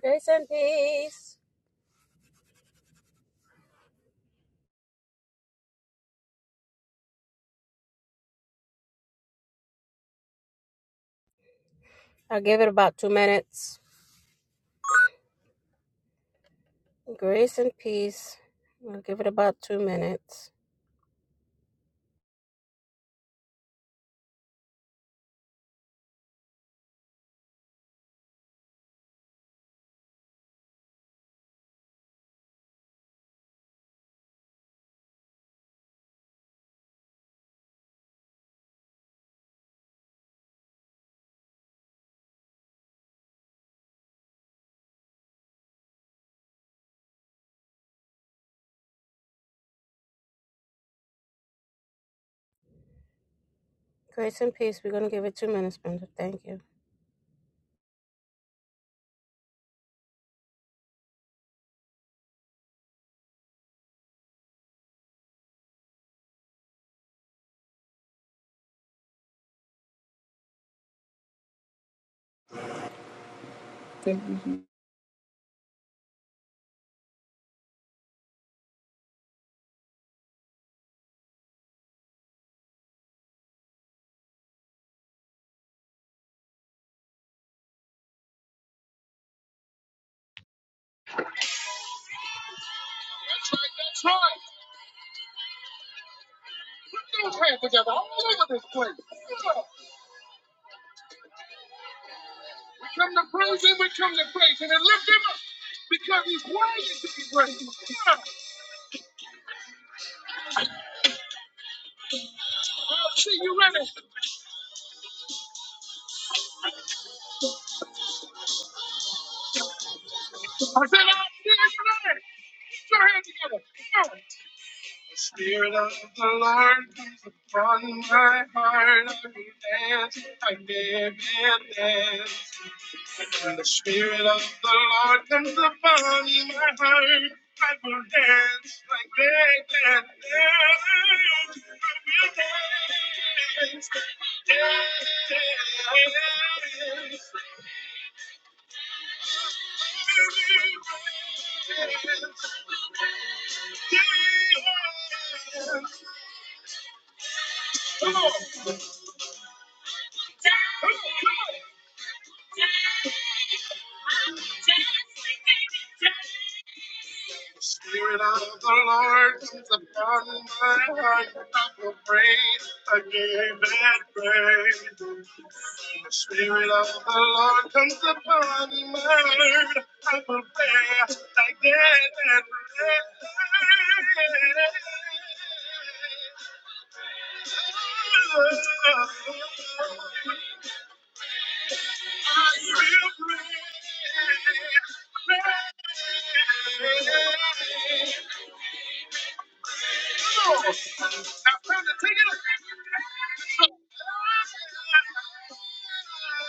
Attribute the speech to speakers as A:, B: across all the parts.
A: Grace and peace. I'll give it about two minutes. Grace and peace. We'll give it about two minutes. Grace and peace. We're going to give it two minutes, Brenda. Thank you. That's right. That's right. Put those hands together all over this place. We come to praise him. We come to praise him and lift him up because he's worthy to be praised. Yeah. I'll see you ready. I said I'll see you ready. Put your hands together. Spirit of the Lord is upon my heart. I will dance, I live and dance. When the Spirit of the Lord comes upon my heart, I will dance, I live and dance. I will dance, dance. Come on, come on. Spirit of the Lord comes upon my heart. I will praise I give and praise. The Spirit of the Lord comes upon my heart. I will praise I again and praise. Now, time to take it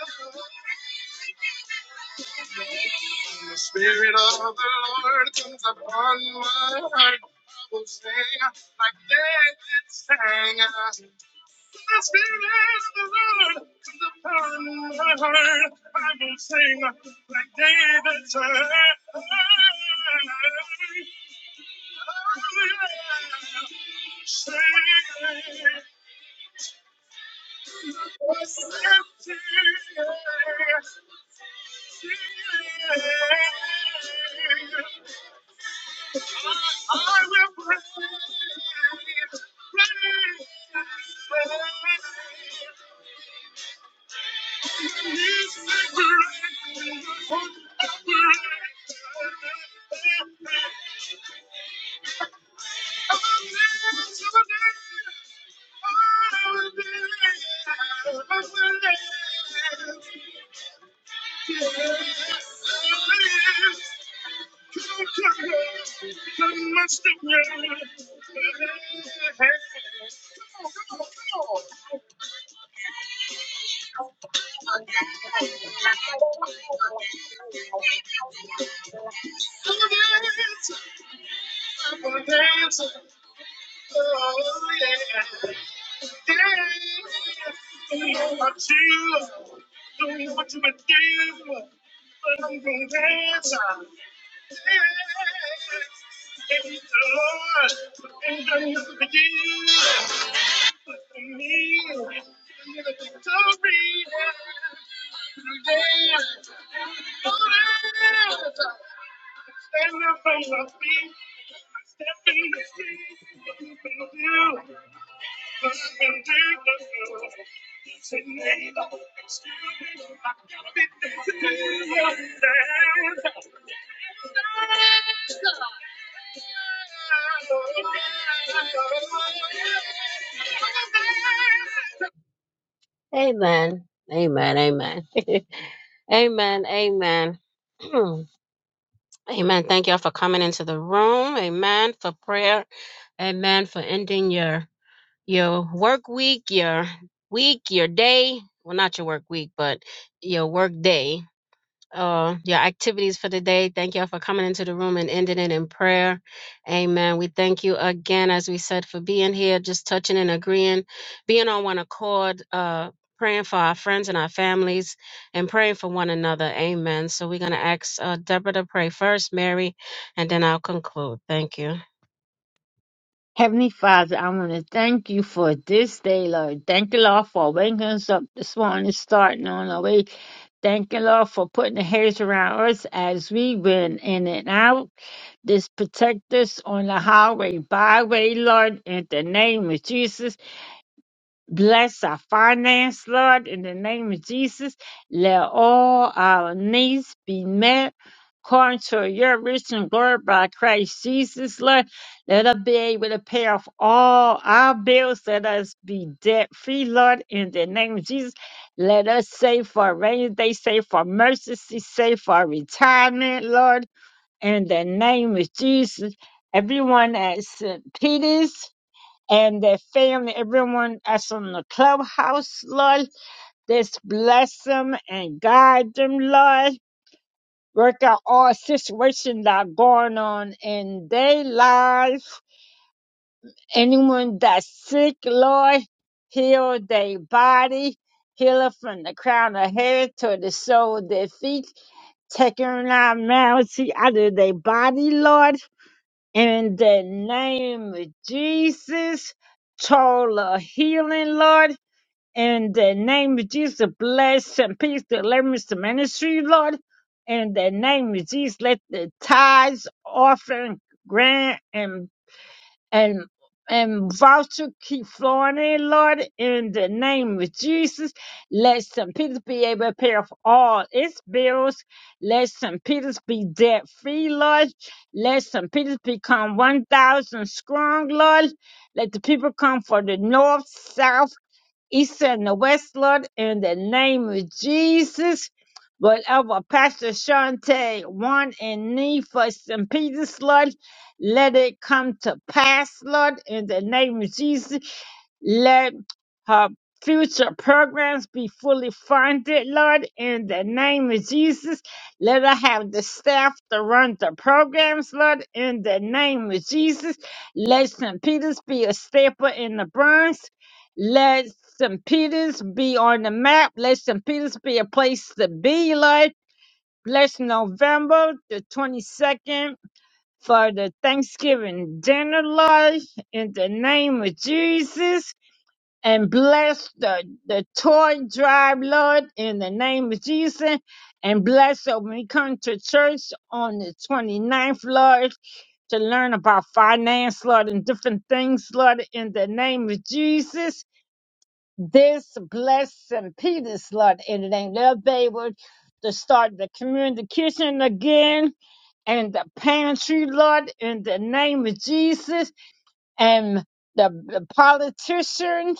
A: up. The Spirit of the Lord comes upon my heart. I will sing like David sang. The Spirit of the Lord comes upon my heart. I will sing like David sang. Sing, sing, sing. I will praise, praise, praise. Until doing what you been doing, but am gonna dance. Thank the Lord and done this for you, for me, and you're the victory. Don't answer. Stand up on your feet. Step in the street. What you gonna do? Amen. Amen. Amen. amen. Amen. amen. Thank y'all for coming into the room. Amen. For prayer. Amen. For ending your your work week, your week, your day. Well, not your work week, but your work day, uh, your activities for the day. Thank y'all for coming into the room and ending it in prayer. Amen. We thank you again, as we said, for being here, just touching and agreeing, being on one accord, uh, praying for our friends and our families and praying for one another. Amen. So we're going to ask uh, Deborah to pray first, Mary, and then I'll conclude. Thank you.
B: Heavenly Father, I want to thank you for this day, Lord. Thank you, Lord, for waking us up this morning, starting on our way. Thank you, Lord, for putting the hedge around us as we went in and out. This protect us on the highway, byway, Lord, in the name of Jesus. Bless our finance, Lord, in the name of Jesus. Let all our needs be met according to your rich and glory by Christ Jesus, Lord. Let us be able to pay off all our bills. Let us be debt free, Lord, in the name of Jesus. Let us save for a rainy day, save for emergency, save for retirement, Lord, in the name of Jesus. Everyone at St. Peter's, and their family, everyone that's on the clubhouse, Lord. Just bless them and guide them, Lord. Work out all situations that are going on in their life. Anyone that's sick, Lord, heal their body. Heal it from the crown of head to the sole of their feet. Taking our malady out of their body, Lord. In the name of Jesus, total healing, Lord In the name of Jesus, bless and peace the Lemons Ministry, Lord. In the name of Jesus, let the tithes, offering, grant, and and and voucher keep flowing in, Lord. In the name of Jesus, let St. Peter's be able to pay off all its bills. Let St. Peter's be debt free, Lord. Let St. Peter's become 1,000 strong, Lord. Let the people come from the north, south, east and the west, Lord, in the name of Jesus. Whatever Pastor Shante want and need for St. Peter's, Lord, let it come to pass, Lord, in the name of Jesus. Let her future programs be fully funded, Lord, in the name of Jesus. Let her have the staff to run the programs, Lord, in the name of Jesus. Let St. Peter's be a staple in the Bronx. Let St. Peter's be on the map. Let St. Peter's be a place to be, Lord. Bless November the 22nd for the Thanksgiving dinner, Lord, in the name of Jesus and bless the, the toy drive, Lord, in the name of Jesus. And bless when we come to church on the 29th, Lord, to learn about finance, Lord, and different things, Lord, in the name of Jesus. This bless St. Peter's, Lord, in the name. They'll be able to start the community kitchen again and the pantry, Lord, in the name of Jesus. And the the politicians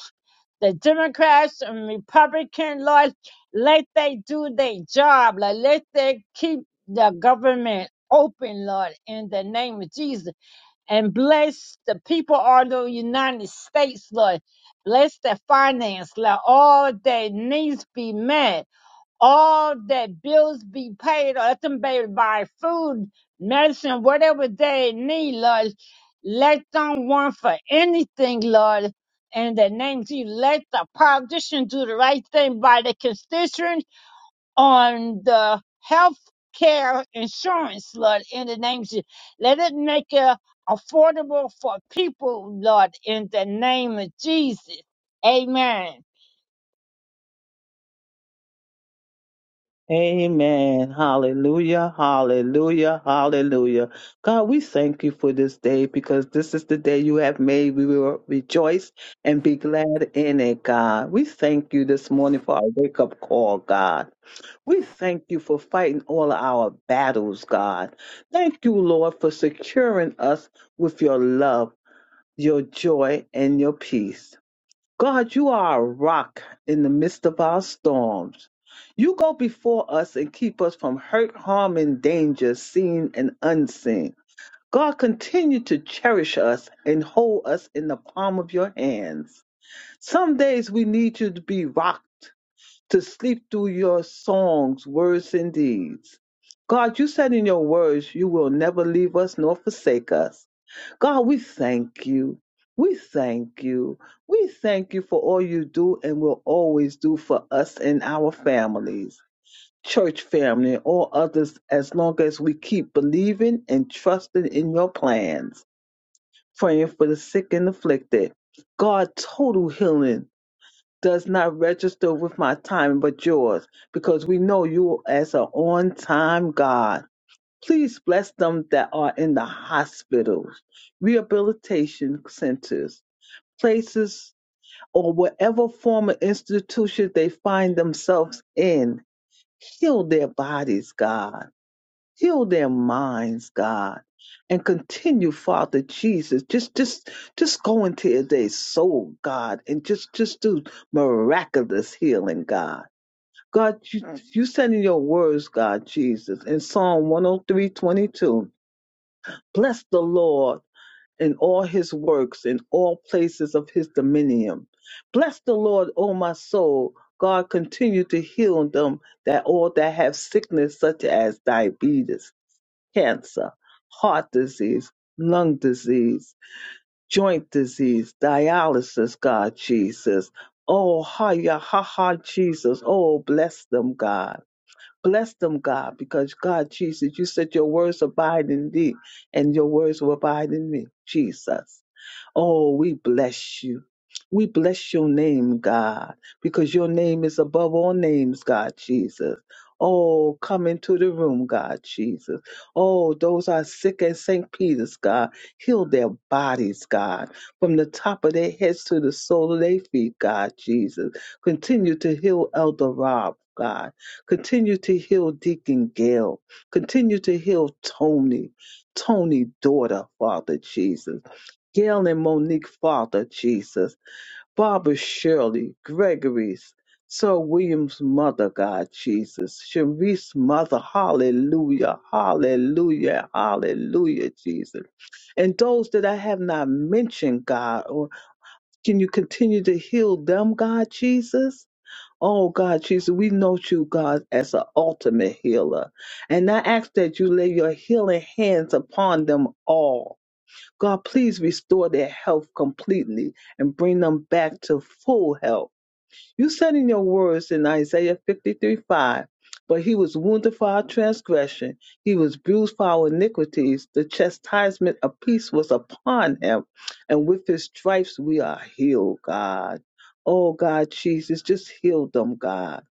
B: the Democrats and Republican Lord, let they do their job, like let they keep the government open, Lord, in the name of Jesus, and bless the people of the United States, Lord. Bless their finance, let all their needs be met all that bills be paid or let them baby buy food, medicine, whatever they need, Lord. Let them want for anything, Lord. In the name of Jesus, let the politicians do the right thing by the constituents on the health care insurance, Lord. In the name of Jesus, let it make it affordable for people, Lord. In the name of Jesus, Amen.
C: Amen. Hallelujah. Hallelujah. Hallelujah. God, we thank you for this day because this is the day you have made. We will rejoice and be glad in it, God. We thank you this morning for our wake up call, God. We thank you for fighting all our battles, God. Thank you, Lord, for securing us with your love, your joy, and your peace. God, you are a rock in the midst of our storms. You go before us and keep us from hurt, harm, and danger, seen and unseen. God, continue to cherish us and hold us in the palm of your hands. Some days we need you to be rocked, to sleep through your songs, words, and deeds. God, you said in your words, you will never leave us nor forsake us. God, we thank you. We thank you. We thank you for all you do and will always do for us and our families, church family, and all others, as long as we keep believing and trusting in your plans, praying for the sick and afflicted. God, total healing does not register with my time but yours because we know you as an on time God. Please bless them that are in the hospitals, rehabilitation centers, places, or whatever form of institution they find themselves in. Heal their bodies, God. Heal their minds, God. And continue, Father Jesus. Just just just go into their soul, God, and just just do miraculous healing, God. God, you, you said in your words, God Jesus, in Psalm 103 22. Bless the Lord in all his works, in all places of his dominion. Bless the Lord, O my soul. God continue to heal them that all that have sickness such as diabetes, cancer, heart disease, lung disease, joint disease, dialysis, God Jesus. Oh, ha, ya, ha, ha, Jesus. Oh, bless them, God. Bless them, God, because God, Jesus, you said your words abide in thee and your words will abide in me, Jesus. Oh, we bless you. We bless your name, God, because your name is above all names, God Jesus. Oh, come into the room, God Jesus. Oh, those are sick at St. Peter's, God. Heal their bodies, God, from the top of their heads to the sole of their feet, God Jesus. Continue to heal Elder Rob, God. Continue to heal Deacon Gail. Continue to heal Tony, Tony daughter, Father Jesus. Gail and Monique Father Jesus, Barbara Shirley, Gregory's, Sir William's mother, God Jesus, Sharice's mother, hallelujah, hallelujah, hallelujah, Jesus. And those that I have not mentioned, God, or can you continue to heal them, God Jesus? Oh God, Jesus, we know you, God, as an ultimate healer. And I ask that you lay your healing hands upon them all God, please restore their health completely and bring them back to full health. You said in your words in Isaiah 53 5, but he was wounded for our transgression, he was bruised for our iniquities, the chastisement of peace was upon him, and with his stripes we are healed, God. Oh, God, Jesus, just heal them, God.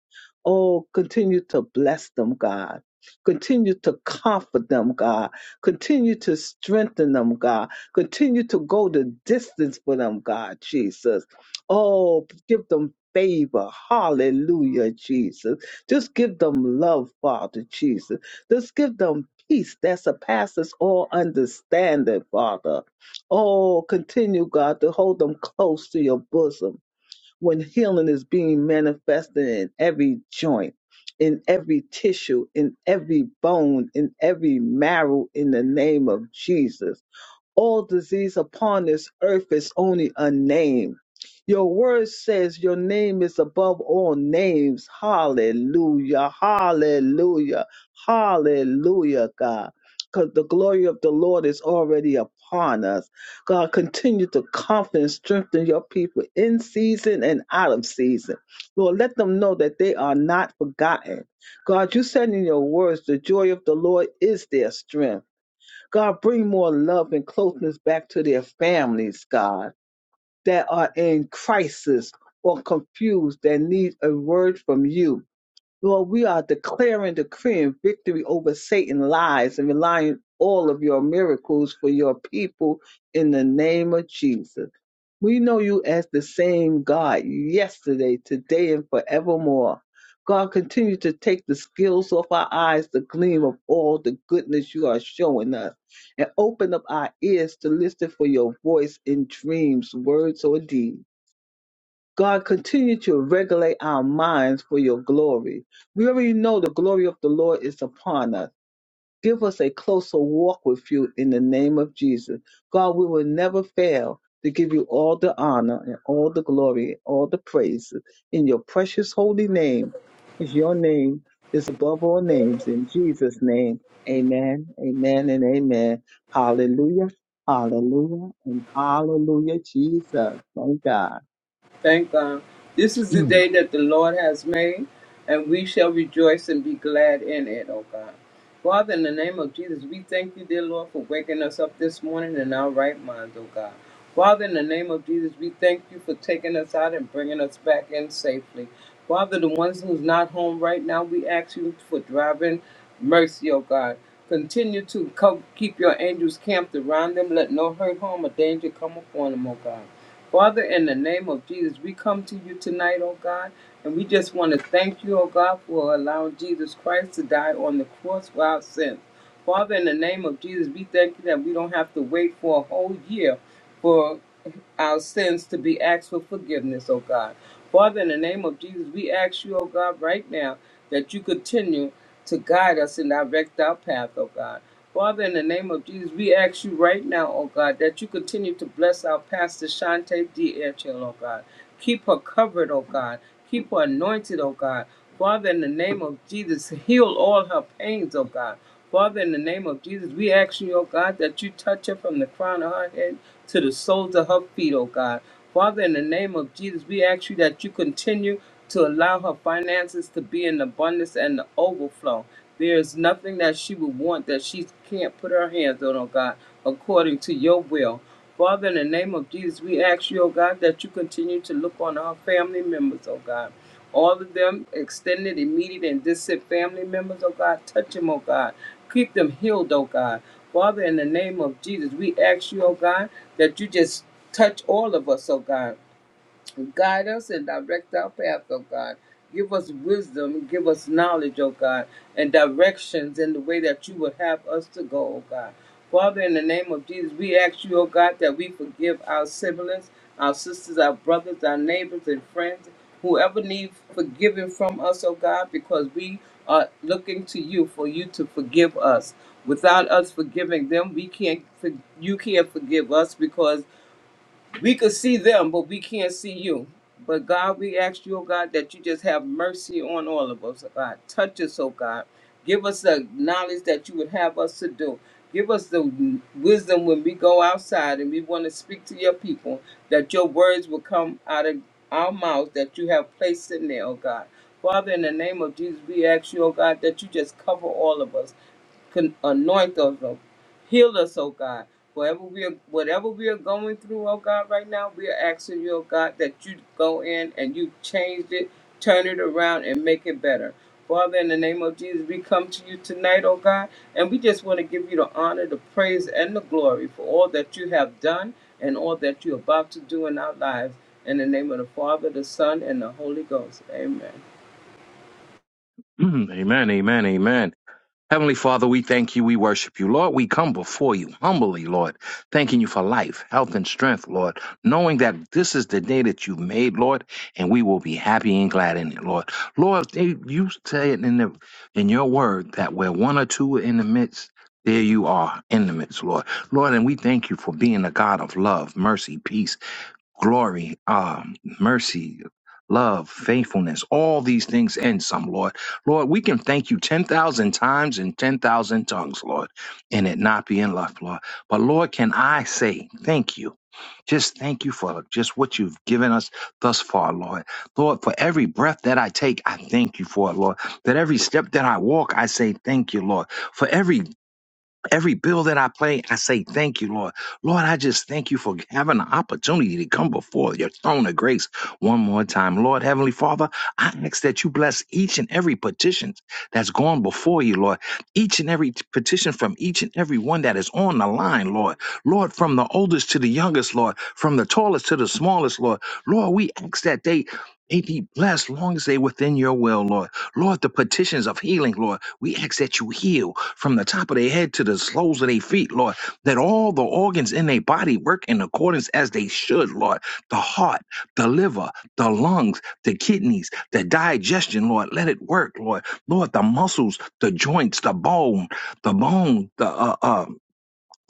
C: Oh, continue to bless them, God. Continue to comfort them, God. Continue to strengthen them, God. Continue to go the distance for them, God, Jesus. Oh, give them favor. Hallelujah, Jesus. Just give them love, Father, Jesus. Just give them peace that surpasses all understanding, Father. Oh, continue, God, to hold them close to your bosom when healing is being manifested in every joint, in every tissue, in every bone, in every marrow, in the name of Jesus. All disease upon this earth is only a name. Your word says your name is above all names. Hallelujah. Hallelujah. Hallelujah, God. Because the glory of the Lord is already upon us. God, continue to comfort and strengthen your people in season and out of season. Lord, let them know that they are not forgotten. God, you said in your words, the joy of the Lord is their strength. God, bring more love and closeness back to their families, God, that are in crisis or confused, that need a word from you. Lord, we are declaring, decreeing victory over Satan lies and relying all of your miracles for your people in the name of Jesus. We know you as the same God yesterday, today, and forevermore. God, continue to take the skills off our eyes, the gleam of all the goodness you are showing us, and open up our ears to listen for your voice in dreams, words, or deeds. God, continue to regulate our minds for your glory. We already know the glory of the Lord is upon us. Give us a closer walk with you in the name of Jesus. God, we will never fail to give you all the honor and all the glory, all the praise in your precious holy name, because your name is above all names. In Jesus' name, amen, amen, and amen. Hallelujah, hallelujah, and hallelujah, Jesus. Thank God.
D: Thank God. This is the
E: Mm,
D: day that the Lord has made, and we shall rejoice and be glad in it, oh God. Father, in the name of Jesus, we thank you, dear Lord, for waking us up this morning in our right minds, oh God. Father, in the name of Jesus, we thank you for taking us out and bringing us back in safely. Father, the ones who's not home right now, we ask you for driving mercy, oh God. Continue to co- keep your angels camped around them. Let no hurt, harm, or danger come upon them, oh God. Father, in the name of Jesus, we come to you tonight, oh God, and we just want to thank you, oh God, for allowing Jesus Christ to die on the cross for our sins. Father, in the name of Jesus, we thank you that we don't have to wait for a whole year for our sins to be asked for forgiveness, O God. Father, in the name of Jesus, we ask you, O God, right now that you continue to guide us and direct our path, O God. Father, in the name of Jesus, we ask you right now, O God, that you continue to bless our pastor Shante D. Etchell, O God. Keep her covered, O God. Keep her anointed, O God. Father, in the name of Jesus, heal all her pains, O God. Father, in the name of Jesus, we ask you, O God, that you touch her from the crown of her head to the soles of her feet, oh God. Father, in the name of Jesus, we ask you that you continue to allow her finances to be in abundance and the overflow. There is nothing that she would want that she can't put her hands on, oh God, according to your will. Father, in the name of Jesus, we ask you, oh God, that you continue to look on our family members, oh God. All of them, extended, immediate, and distant family members, oh God, touch them, oh God. Keep them healed, oh God. Father, in the name of Jesus, we ask you, oh God, that you just touch all of us, oh God. Guide us and direct our path, oh God. Give us wisdom, give us knowledge, oh God, and directions in the way that you would have us to go, oh God. Father, in the name of Jesus, we ask you, oh God, that we forgive our siblings, our sisters, our brothers, our neighbors, and friends, whoever needs forgiving from us, oh God, because we are looking to you for you to forgive us. Without us forgiving them, we can't. For, you can't forgive us because we could see them, but we can't see you. But God, we ask you, oh God, that you just have mercy on all of us, oh God. Touch us, oh God. Give us the knowledge that you would have us to do. Give us the wisdom when we go outside and we want to speak to your people, that your words will come out of our mouths that you have placed in there, oh God. Father, in the name of Jesus, we ask you, oh God, that you just cover all of us. Can anoint us, oh, heal us, oh God. Whatever we are, whatever we are going through, oh God, right now, we are asking you, oh God, that you go in and you change it, turn it around, and make it better. Father, in the name of Jesus, we come to you tonight, oh God, and we just want to give you the honor, the praise, and the glory for all that you have done and all that you're about to do in our lives. In the name of the Father, the Son, and the Holy Ghost. Amen.
E: mm, Amen, amen, amen. Heavenly Father, we thank you, we worship you. Lord, we come before you humbly, Lord, thanking you for life, health, and strength, Lord, knowing that this is the day that you've made, Lord, and we will be happy and glad in it, Lord. Lord, they- you say it in, the, in your word that where one or two are in the midst, there you are in the midst, Lord. Lord, and we thank you for being a God of love, mercy, peace, glory, um, mercy, love, faithfulness, all these things and some, Lord. Lord, we can thank you 10,000 times in 10,000 tongues, Lord, and it not be enough, Lord. But Lord, can I say thank you? Just thank you for just what you've given us thus far, Lord. Lord, for every breath that I take, I thank you for it, Lord. That every step that I walk, I say thank you, Lord. For every Every bill that I play, I say, Thank you, Lord. Lord, I just thank you for having the opportunity to come before your throne of grace one more time. Lord, Heavenly Father, I ask that you bless each and every petition that's gone before you, Lord. Each and every t- petition from each and every one that is on the line, Lord. Lord, from the oldest to the youngest, Lord. From the tallest to the smallest, Lord. Lord, we ask that they. They be blessed long as they within your will, Lord. Lord, the petitions of healing, Lord. We ask that you heal from the top of their head to the soles of their feet, Lord, that all the organs in their body work in accordance as they should, Lord. The heart, the liver, the lungs, the kidneys, the digestion, Lord, let it work, Lord. Lord, the muscles, the joints, the bone, the bone, the uh, uh,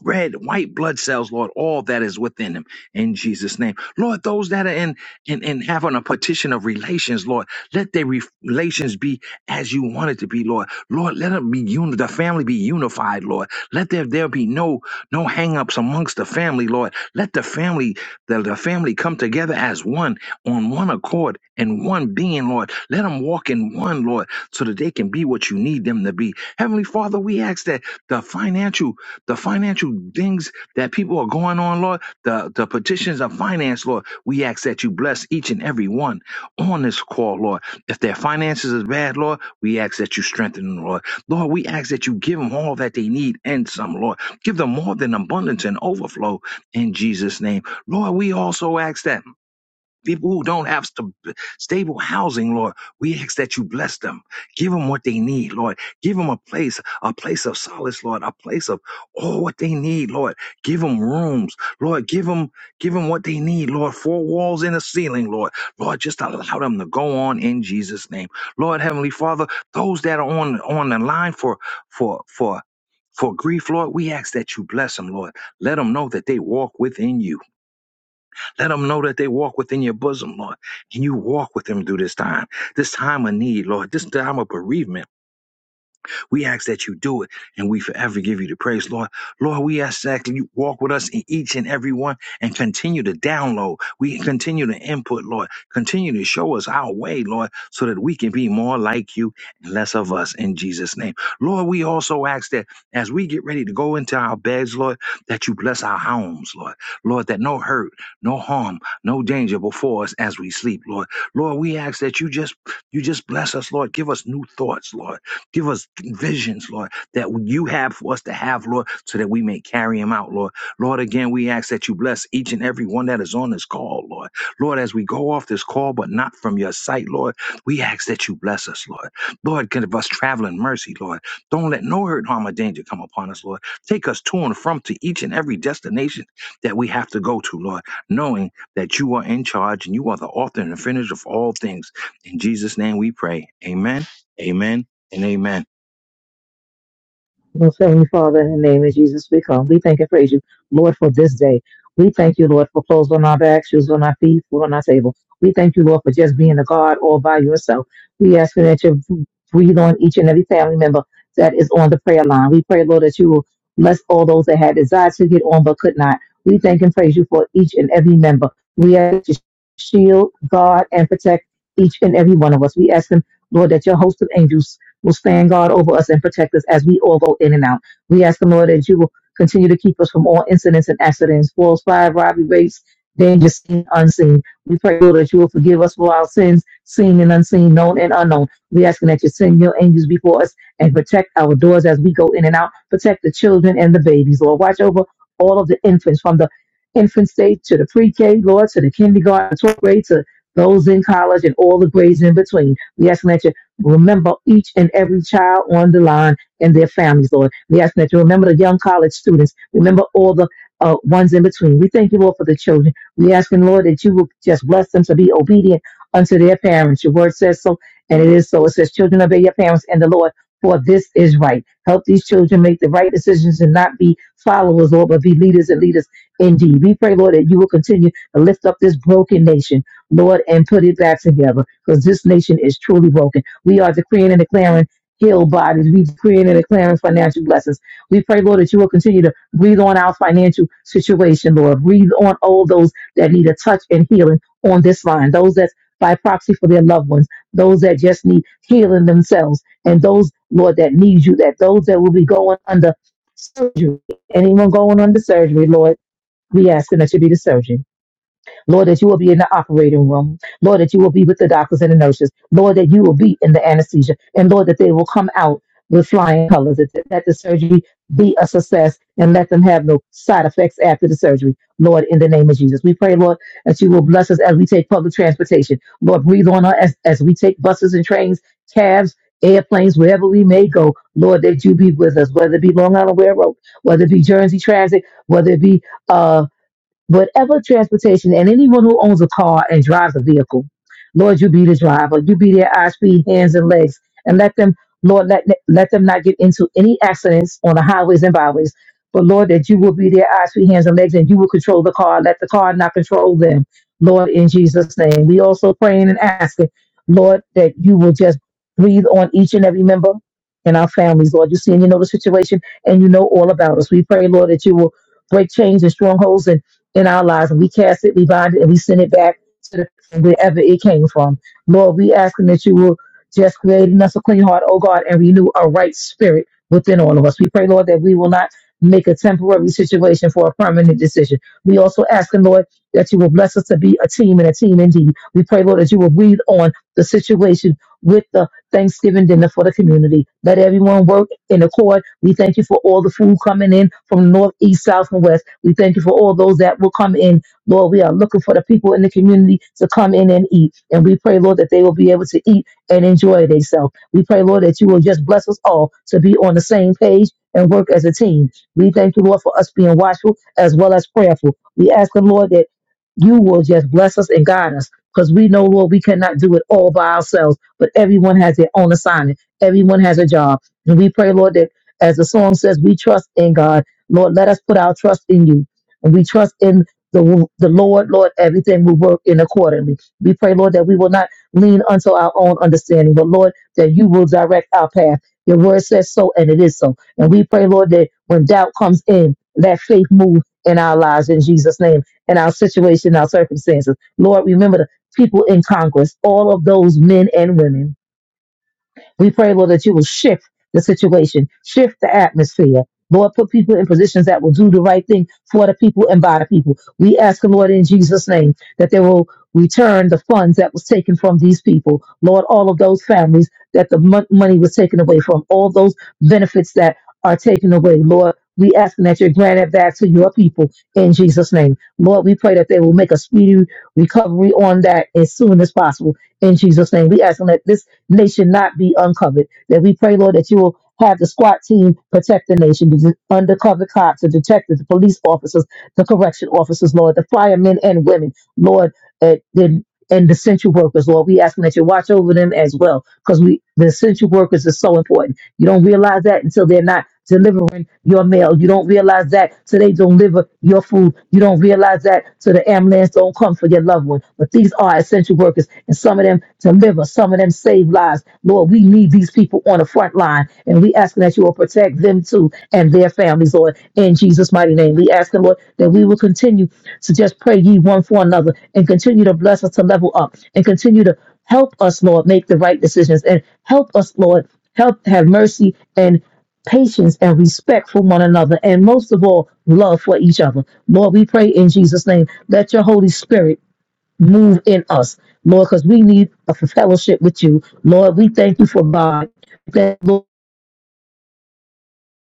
E: red, white blood cells, Lord, all that is within them in Jesus' name. Lord, those that are in and in, in having a petition of relations, Lord, let their re- relations be as you want it to be, Lord. Lord, let them be uni- the family be unified, Lord. Let there, there be no no hang-ups amongst the family, Lord. Let the family, the, the family come together as one on one accord and one being, Lord. Let them walk in one, Lord, so that they can be what you need them to be. Heavenly Father, we ask that the financial the financial things that people are going on, Lord, the, the petitions of finance, Lord, we ask that you bless each and every one on this call, Lord. If their finances is bad, Lord, we ask that you strengthen them, Lord. Lord, we ask that you give them all that they need and some, Lord. Give them more than abundance and overflow in Jesus' name. Lord, we also ask that people who don't have st- stable housing, Lord, we ask that you bless them. Give them what they need, Lord. Give them a place, a place of solace, Lord, a place of all what they need, Lord. Give them rooms, Lord. Give them, give them what they need, Lord. Four walls and a ceiling, Lord. Lord, just allow them to go on in Jesus' name, Lord. Heavenly Father, those that are on on the line for for for. For grief, Lord, we ask that you bless them, Lord. Let them know that they walk within you. Let them know that they walk within your bosom, Lord. And you walk with them through this time, this time of need, Lord, this time of bereavement. We ask that you do it, and we forever give you the praise, Lord. Lord, we ask that you walk with us in each and every one and continue to download. We continue to input, Lord. Continue to show us our way, Lord, so that we can be more like you and less of us in Jesus' name. Lord, we also ask that as we get ready to go into our beds, Lord, that you bless our homes, Lord. Lord, that no hurt, no harm, no danger before us as we sleep, Lord. Lord, we ask that you just you just bless us, Lord. Give us new thoughts, Lord. Give us visions, Lord, that you have for us to have, Lord, so that we may carry them out, Lord. Lord, again, we ask that you bless each and every one that is on this call, Lord. Lord, as we go off this call, but not from your sight, Lord, we ask that you bless us, Lord. Lord, give us traveling mercy, Lord. Don't let no hurt, harm, or danger come upon us, Lord. Take us to and from to each and every destination that we have to go to, Lord, knowing that you are in charge and you are the author and the finish of all things. In Jesus' name we pray. Amen. Amen and amen.
F: Most Heavenly Father, in the name of Jesus, we come. We thank and praise you, Lord, for this day. We thank you, Lord, for clothes on our back, shoes on our feet, food on our table. We thank you, Lord, for just being a God all by yourself. We ask you that you breathe on each and every family member that is on the prayer line. We pray, Lord, that you will bless all those that had desires to get on but could not. We thank and praise you for each and every member. We ask that you to shield, guard, and protect each and every one of us. We ask them, Lord, that your host of angels will stand guard over us and protect us as we all go in and out. We ask the Lord that you will continue to keep us from all incidents and accidents, falls, fire, robbery, rapes, dangers, seen, unseen. We pray, Lord, that you will forgive us for our sins, seen and unseen, known and unknown. We asking that you send your angels before us and protect our doors as we go in and out. Protect the children and the babies, Lord. Watch over all of the infants from the infant stage to the pre-K, Lord, to the kindergarten, 12th grade, to those in college and all the grades in between. We ask that you Remember each and every child on the line and their families, Lord. We ask that you remember the young college students. Remember all the uh, ones in between. We thank you, Lord, for the children. We asking, Lord, that you will just bless them to be obedient unto their parents. Your word says so, and it is so. It says, Children, obey your parents and the Lord, for this is right. Help these children make the right decisions and not be followers, Lord, but be leaders and leaders indeed. We pray, Lord, that you will continue to lift up this broken nation, Lord, and put it back together because this nation is truly broken. We are decreeing and declaring healed bodies. We decreeing and declaring financial blessings. We pray, Lord, that you will continue to breathe on our financial situation, Lord. Breathe on all those that need a touch and healing on this line, those that's by proxy for their loved ones, those that just need healing themselves, and those, Lord, that need you, that those that will be going under surgery, anyone going under surgery, Lord, we asking that you be the surgeon. Lord, that you will be in the operating room. Lord, that you will be with the doctors and the nurses. Lord, that you will be in the anesthesia. And Lord, that they will come out with flying colors. That, that the surgery be a success and let them have no side effects after the surgery. Lord, in the name of Jesus. We pray, Lord, that you will bless us as we take public transportation. Lord, breathe on us as, as we take buses and trains, cabs, airplanes, wherever we may go. Lord, that you be with us, whether it be Long Island Railroad, whether it be Jersey Transit, whether it be uh whatever transportation, and anyone who owns a car and drives a vehicle, Lord, you be the driver. You be their eyes, feet, hands, and legs, and let them, Lord, let let them not get into any accidents on the highways and byways. But Lord, that you will be their eyes, feet, hands, and legs, and you will control the car. Let the car not control them, Lord, in Jesus' name. We also praying and asking, Lord, that you will just breathe on each and every member in our families, Lord. You see and you know the situation, and you know all about us. We pray, Lord, that you will break chains and strongholds, and in our lives and we cast it, we bind it, and we send it back to the, wherever it came from. Lord, we asking that you will just create in us a clean heart, oh God, and renew a right spirit within all of us. We pray, Lord, that we will not make a temporary situation for a permanent decision. We also asking, Lord, that you will bless us to be a team and a team indeed. We pray, Lord, that you will breathe on the situation with the Thanksgiving dinner for the community. Let everyone work in accord. We thank you for all the food coming in from north, east, south, and west. We thank you for all those that will come in. Lord, we are looking for the people in the community to come in and eat. And we pray, Lord, that they will be able to eat and enjoy themselves. We pray, Lord, that you will just bless us all to be on the same page and work as a team. We thank you, Lord, for us being watchful as well as prayerful. We ask the Lord that you will just bless us and guide us because we know, Lord, we cannot do it all by ourselves, but everyone has their own assignment. Everyone has a job. And we pray, Lord, that as the song says, we trust in God. Lord, let us put our trust in you. And we trust in the, the Lord, Lord, everything will work in accordingly. We pray, Lord, that we will not lean unto our own understanding, but Lord, that you will direct our path. Your word says so, and it is so. And we pray, Lord, that when doubt comes in, let faith move in our lives in Jesus' name, in our situation, our circumstances. Lord, remember the people in Congress, all of those men and women we pray, Lord, that you will shift the situation, shift the atmosphere. Lord, put people in positions that will do the right thing for the people and by the people. We ask, Lord, in Jesus' name, that they will return the funds that was taken from these people. Lord, all of those families that the mon- money was taken away from, all those benefits that are taken away. Lord, we ask that you grant it back to your people in Jesus' name. Lord, we pray that they will make a speedy recovery on that as soon as possible in Jesus' name. We ask that this they should not be uncovered. That we pray, Lord, that you will have the SWAT team protect the nation, the undercover cops, the detectives, the police officers, the correction officers, Lord, the firemen and women, Lord, uh, the, and the essential workers, Lord. We ask that you watch over them as well, because we the essential workers is so important. You don't realize that until they're not delivering your mail. You don't realize that till they don't deliver your food. You don't realize that till the ambulance don't come for your loved one. But these are essential workers, and some of them deliver, some of them save lives. Lord, we need these people on the front line, and we asking that you will protect them too and their families, Lord. In Jesus' mighty name, we asking, Lord, that we will continue to just pray ye one for another and continue to bless us to level up and continue to. Help us, Lord, make the right decisions and help us, Lord, help have mercy and patience and respect for one another and most of all, love for each other. Lord, we pray in Jesus' name. Let your Holy Spirit move in us, Lord, because we need a fellowship with you. Lord, we thank you for God. Thank you, Lord,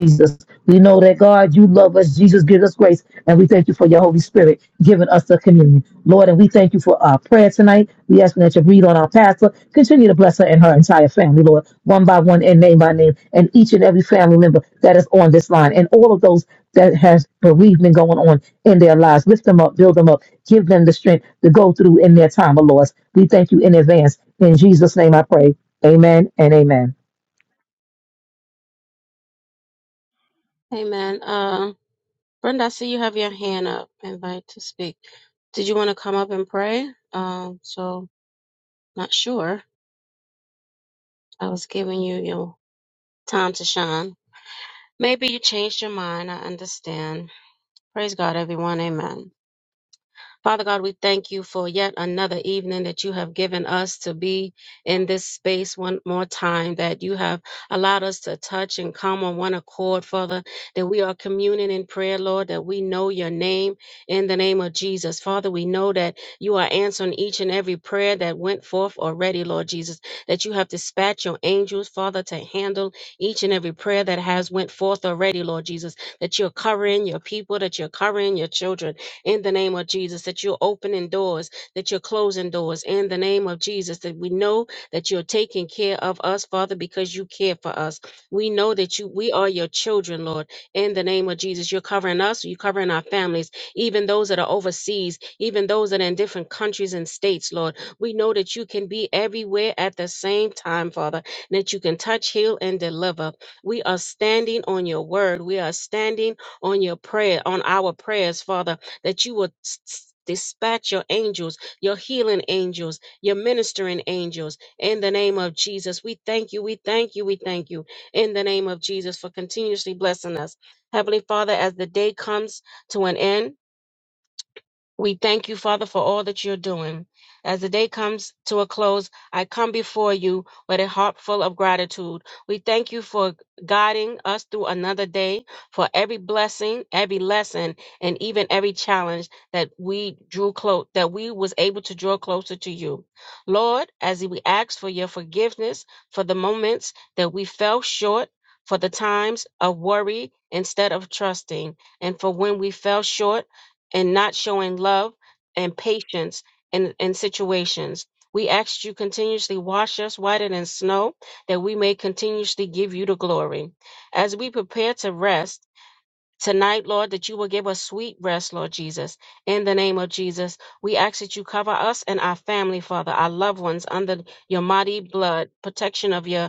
F: Jesus. We know that God, you love us. Jesus, give us grace. And we thank you for your Holy Spirit giving us the communion. Lord, and we thank you for our prayer tonight. We ask that you breathe on our pastor. Continue to bless her and her entire family, Lord, one by one and name by name, and each and every family member that is on this line and all of those that has bereavement going on in their lives. Lift them up, build them up, give them the strength to go through in their time of loss. We thank you in advance. In Jesus' name I pray. Amen and amen.
A: Amen. Uh. Brenda, I see you have your hand up, invite to speak. Did you want to come up and pray? Um, so not sure. I was giving you your time to shine. Maybe you changed your mind. I understand. Praise God, everyone. Amen. Father God, we thank you for yet another evening that you have given us to be in this space one more time, that you have allowed us to touch and come on one accord, Father, that we are communing in prayer, Lord, that we know your name in the name of Jesus. Father, we know that you are answering each and every prayer that went forth already, Lord Jesus, that you have dispatched your angels, Father, to handle each and every prayer that has went forth already, Lord Jesus, that you're covering your people, that you're covering your children, in the name of Jesus, that you're opening doors, that you're closing doors in the name of Jesus, that we know that you're taking care of us, Father, because you care for us. We know that you we are your children, Lord, in the name of Jesus. You're covering us, you're covering our families, even those that are overseas, even those that are in different countries and states, Lord. We know that you can be everywhere at the same time, Father, and that you can touch, heal, and deliver. We are standing on your word. We are standing on your prayer, on our prayers, Father that you will s- s- dispatch your angels, your healing angels, your ministering angels in the name of Jesus. We thank you, we thank you, we thank you in the name of Jesus for continuously blessing us. Heavenly Father, as the day comes to an end, we thank you, Father, for all that you're doing. As the day comes to a close, I come before you with a heart full of gratitude. We thank you for guiding us through another day, for every blessing, every lesson, and even every challenge that we drew close, that we was able to draw closer to you. Lord, as we ask for your forgiveness for the moments that we fell short, for the times of worry instead of trusting, and for when we fell short and not showing love and patience in, in situations. We ask you continuously wash us whiter than snow, that we may continuously give you the glory. As we prepare to rest tonight, Lord, that you will give us sweet rest, Lord Jesus. In the name of Jesus, we ask that you cover us and our family, Father, our loved ones, under your mighty blood, protection of your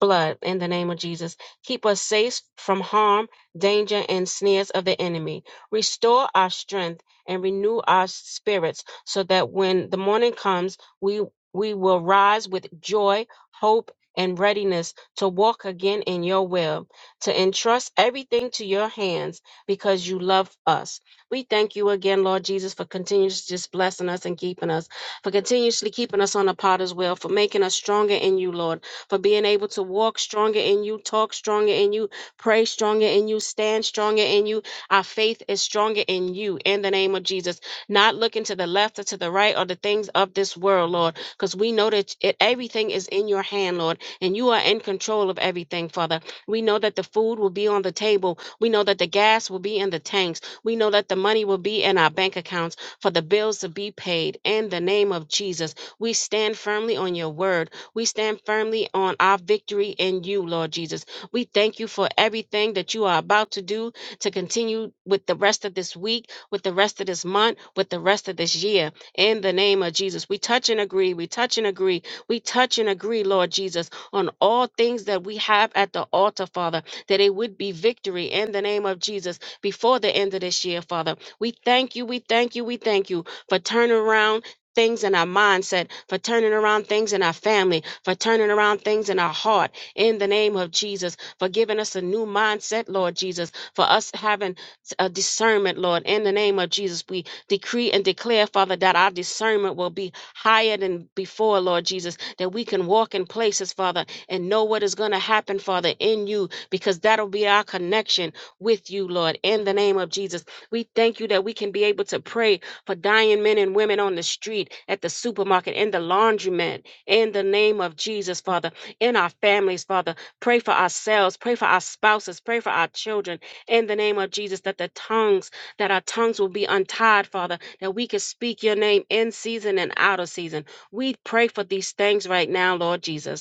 A: blood in the name of Jesus. Keep us safe from harm, danger, and snares of the enemy. Restore our strength and renew our spirits so that when the morning comes, we, we will rise with joy, hope, and readiness to walk again in your will, to entrust everything to your hands because you love us. We thank you again, Lord Jesus, for continuously just blessing us and keeping us, for continuously keeping us on the potter's wheel, for making us stronger in you, Lord for being able to walk stronger in you, talk stronger in you, pray stronger in you, stand stronger in you. Our faith is stronger in you in the name of Jesus. Not looking to the left or to the right or the things of this world, Lord, because we know that it, everything is in your hand, Lord, and you are in control of everything, Father. We know that the food will be on the table. We know that the gas will be in the tanks. We know that the money will be in our bank accounts for the bills to be paid. In the name of Jesus, we stand firmly on your word. We stand firmly on our victory in you, Lord Jesus. We thank you for everything that you are about to do to continue with the rest of this week, with the rest of this month, with the rest of this year. In the name of Jesus, we touch and agree. We touch and agree. We touch and agree, Lord Jesus, on all things that we have at the altar, Father, that it would be victory in the name of Jesus before the end of this year, Father. We thank you. We thank you. We thank you for turning around things in our mindset, for turning around things in our family, for turning around things in our heart, in the name of Jesus, for giving us a new mindset, Lord Jesus, for us having a discernment, Lord, in the name of Jesus. We decree and declare, Father, that our discernment will be higher than before, Lord Jesus, that we can walk in places, Father, and know what is going to happen, Father, in you, because that'll be our connection with you, Lord, in the name of Jesus. We thank you that we can be able to pray for dying men and women on the street, at the supermarket, in the laundromat. In the name of Jesus, Father, in our families, Father, pray for ourselves, pray for our spouses, pray for our children. In the name of Jesus, that the tongues, that our tongues will be untied, Father, that we can speak your name in season and out of season. We pray for these things right now, Lord Jesus.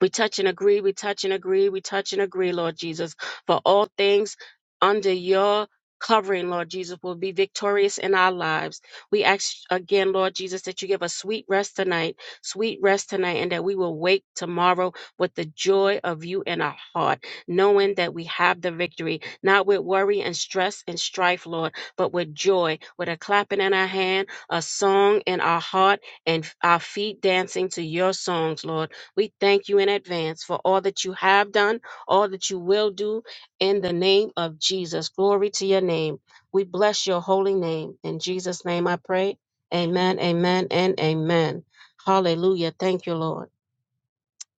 A: We touch and agree, we touch and agree, we touch and agree, Lord Jesus, for all things under your covering, Lord Jesus, will be victorious in our lives. We ask again, Lord Jesus, that you give us sweet rest tonight, sweet rest tonight, and that we will wake tomorrow with the joy of you in our heart, knowing that we have the victory, not with worry and stress and strife, Lord, but with joy, with a clapping in our hand, a song in our heart, and our feet dancing to your songs, Lord. We thank you in advance for all that you have done, all that you will do in the name of Jesus. Glory to your name. We bless your holy name. In Jesus' name I pray. Amen, amen, and amen. Hallelujah. Thank you, Lord.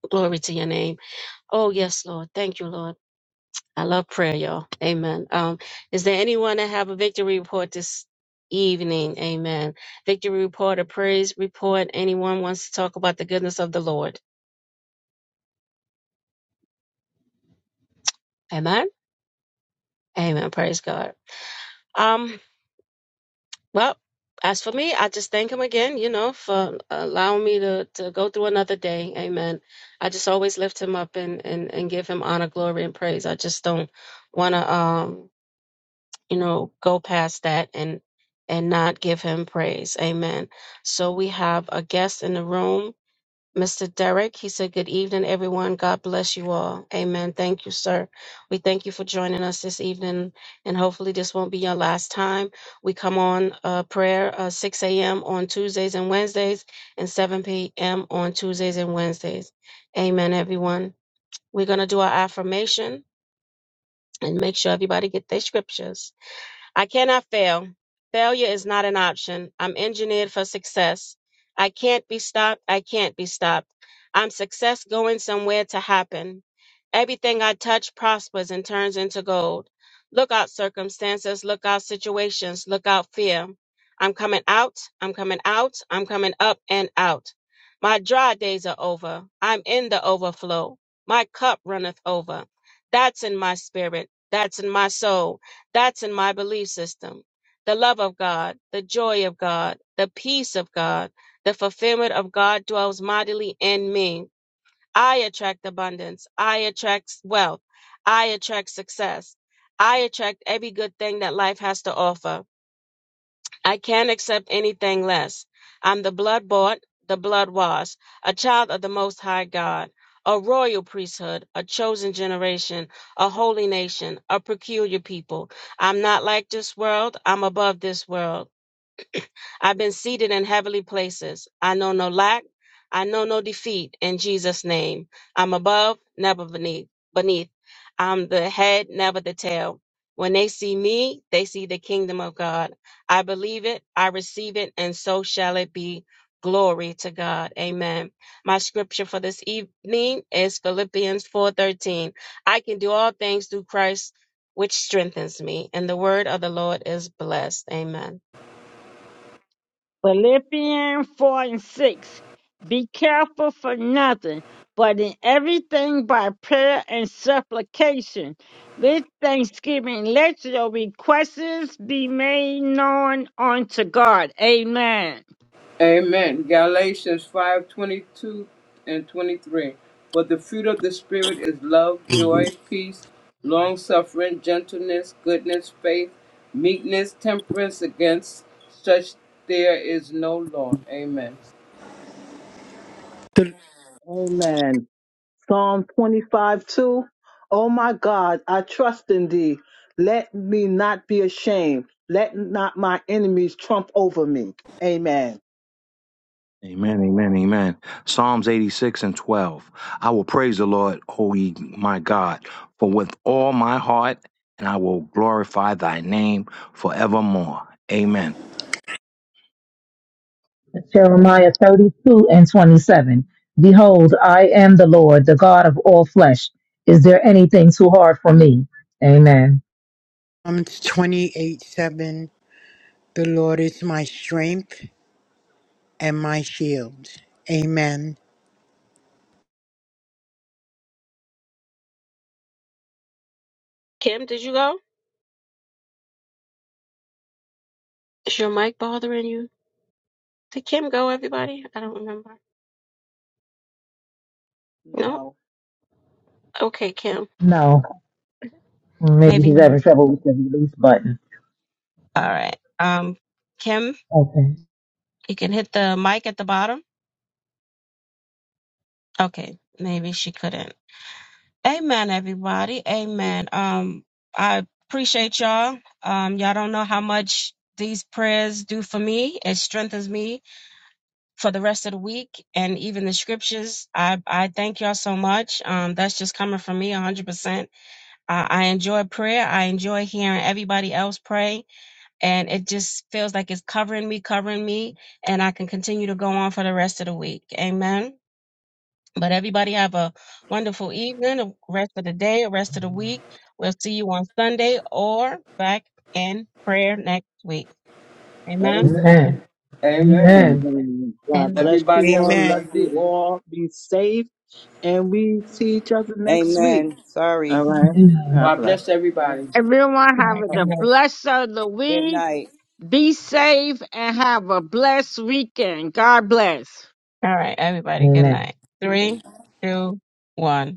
A: Glory to your name. Oh, yes, Lord. Thank you, Lord. I love prayer, y'all. Amen. Um, is there anyone that have a victory report this evening? Amen. Victory report, a praise report. Anyone wants to talk about the goodness of the Lord? Amen. Amen. Praise God. Um, well, as for me, I just thank him again, you know, for allowing me to to go through another day. Amen. I just always lift him up and and and give him honor, glory, and praise. I just don't want to um, you know, go past that and and not give him praise. Amen. So we have a guest in the room. Mr. Derek, he said, Good evening, everyone. God bless you all. Amen. Thank you, sir. We thank you for joining us this evening, and hopefully, this won't be your last time. We come on uh, prayer uh, 6 a.m. on Tuesdays and Wednesdays, and 7 p.m. on Tuesdays and Wednesdays. Amen, everyone. We're going to do our affirmation and make sure everybody get their scriptures. I cannot fail. Failure is not an option. I'm engineered for success. I can't be stopped. I can't be stopped. I'm success going somewhere to happen. Everything I touch prospers and turns into gold. Look out circumstances, look out situations, look out fear. I'm coming out, I'm coming out, I'm coming up and out. My dry days are over. I'm in the overflow. My cup runneth over. That's in my spirit. That's in my soul. That's in my belief system. The love of God, the joy of God, the peace of God, the fulfillment of God dwells mightily in me. I attract abundance. I attract wealth. I attract success. I attract every good thing that life has to offer. I can't accept anything less. I'm the blood bought, the blood washed, a child of the Most High God, a royal priesthood, a chosen generation, a holy nation, a peculiar people. I'm not like this world, I'm above this world. I've been seated in heavenly places. I know no lack. I know no defeat in Jesus' name. I'm above, never beneath. beneath. I'm the head, never the tail. When they see me, they see the kingdom of God. I believe it, I receive it, and so shall it be. Glory to God. Amen. My scripture for this evening is Philippians 4:13. I can do all things through Christ which strengthens me, and the word of the Lord is blessed. Amen.
B: Philippians 4 and 6. Be careful for nothing, but in everything by prayer and supplication. This Thanksgiving, let your requests be made known unto God. Amen.
D: Amen. Galatians 5 22 and 23. But the fruit of the Spirit is love, joy, peace, long suffering, gentleness, goodness, faith, meekness, temperance. Against such there is no law. Amen.
G: The
C: Amen. Psalm 25 2. Oh my God, I trust in thee. Let me not be ashamed. Let not my enemies trump over me. Amen.
E: Amen. Amen. Amen. Psalms 86 and 12. I will praise the Lord, O ye my God, for with all my heart, and I will glorify thy name forevermore. Amen.
F: Jeremiah 32 and 27. Behold, I am the Lord, the God of all flesh. Is there anything too hard for me? Amen.
G: Psalms 28 7 The Lord is my strength and my shield. Amen.
A: Kim, did you go? Is your mic bothering you? Did Kim go, everybody? I don't remember. No?
C: No.
A: Okay, Kim.
F: No, maybe
A: Maybe.
F: she's having trouble with the release button.
A: All right. Um, Kim,
F: Okay.
A: you can hit the mic at the bottom. Okay. Maybe she couldn't. Amen, everybody. Amen. Um, I appreciate y'all. Um, y'all don't know how much these prayers do for me. It strengthens me for the rest of the week and even the scriptures. I, I thank y'all so much. Um, that's just coming from me 100%. I, I enjoy prayer. I enjoy hearing everybody else pray. And it just feels like it's covering me, covering me. And I can continue to go on for the rest of the week. Amen. But everybody have a wonderful evening, a rest of the day, a rest of the week. We'll see you on Sunday or back in prayer next week. Amen.
D: Amen.
F: Amen.
D: Amen.
F: Amen.
C: Amen. God
A: Amen.
C: bless
D: Everybody
C: you
D: have a
C: all. Love
G: Amen.
D: blessed
C: you
D: evening.
C: all. Be safe. And we see each other next week.
H: Amen. Sorry.
C: All right.
A: Mhm.
F: Amen.
C: God
D: God
C: bless.
D: bless everybody.
B: Everyone
A: All
B: have
A: right.
B: a
A: Good night.
B: blessed of the
H: Good
B: week.
H: night.
B: Be safe and have a blessed weekend. God bless.
A: All right. Everybody, good
F: Amen.
A: night. Three, two, one.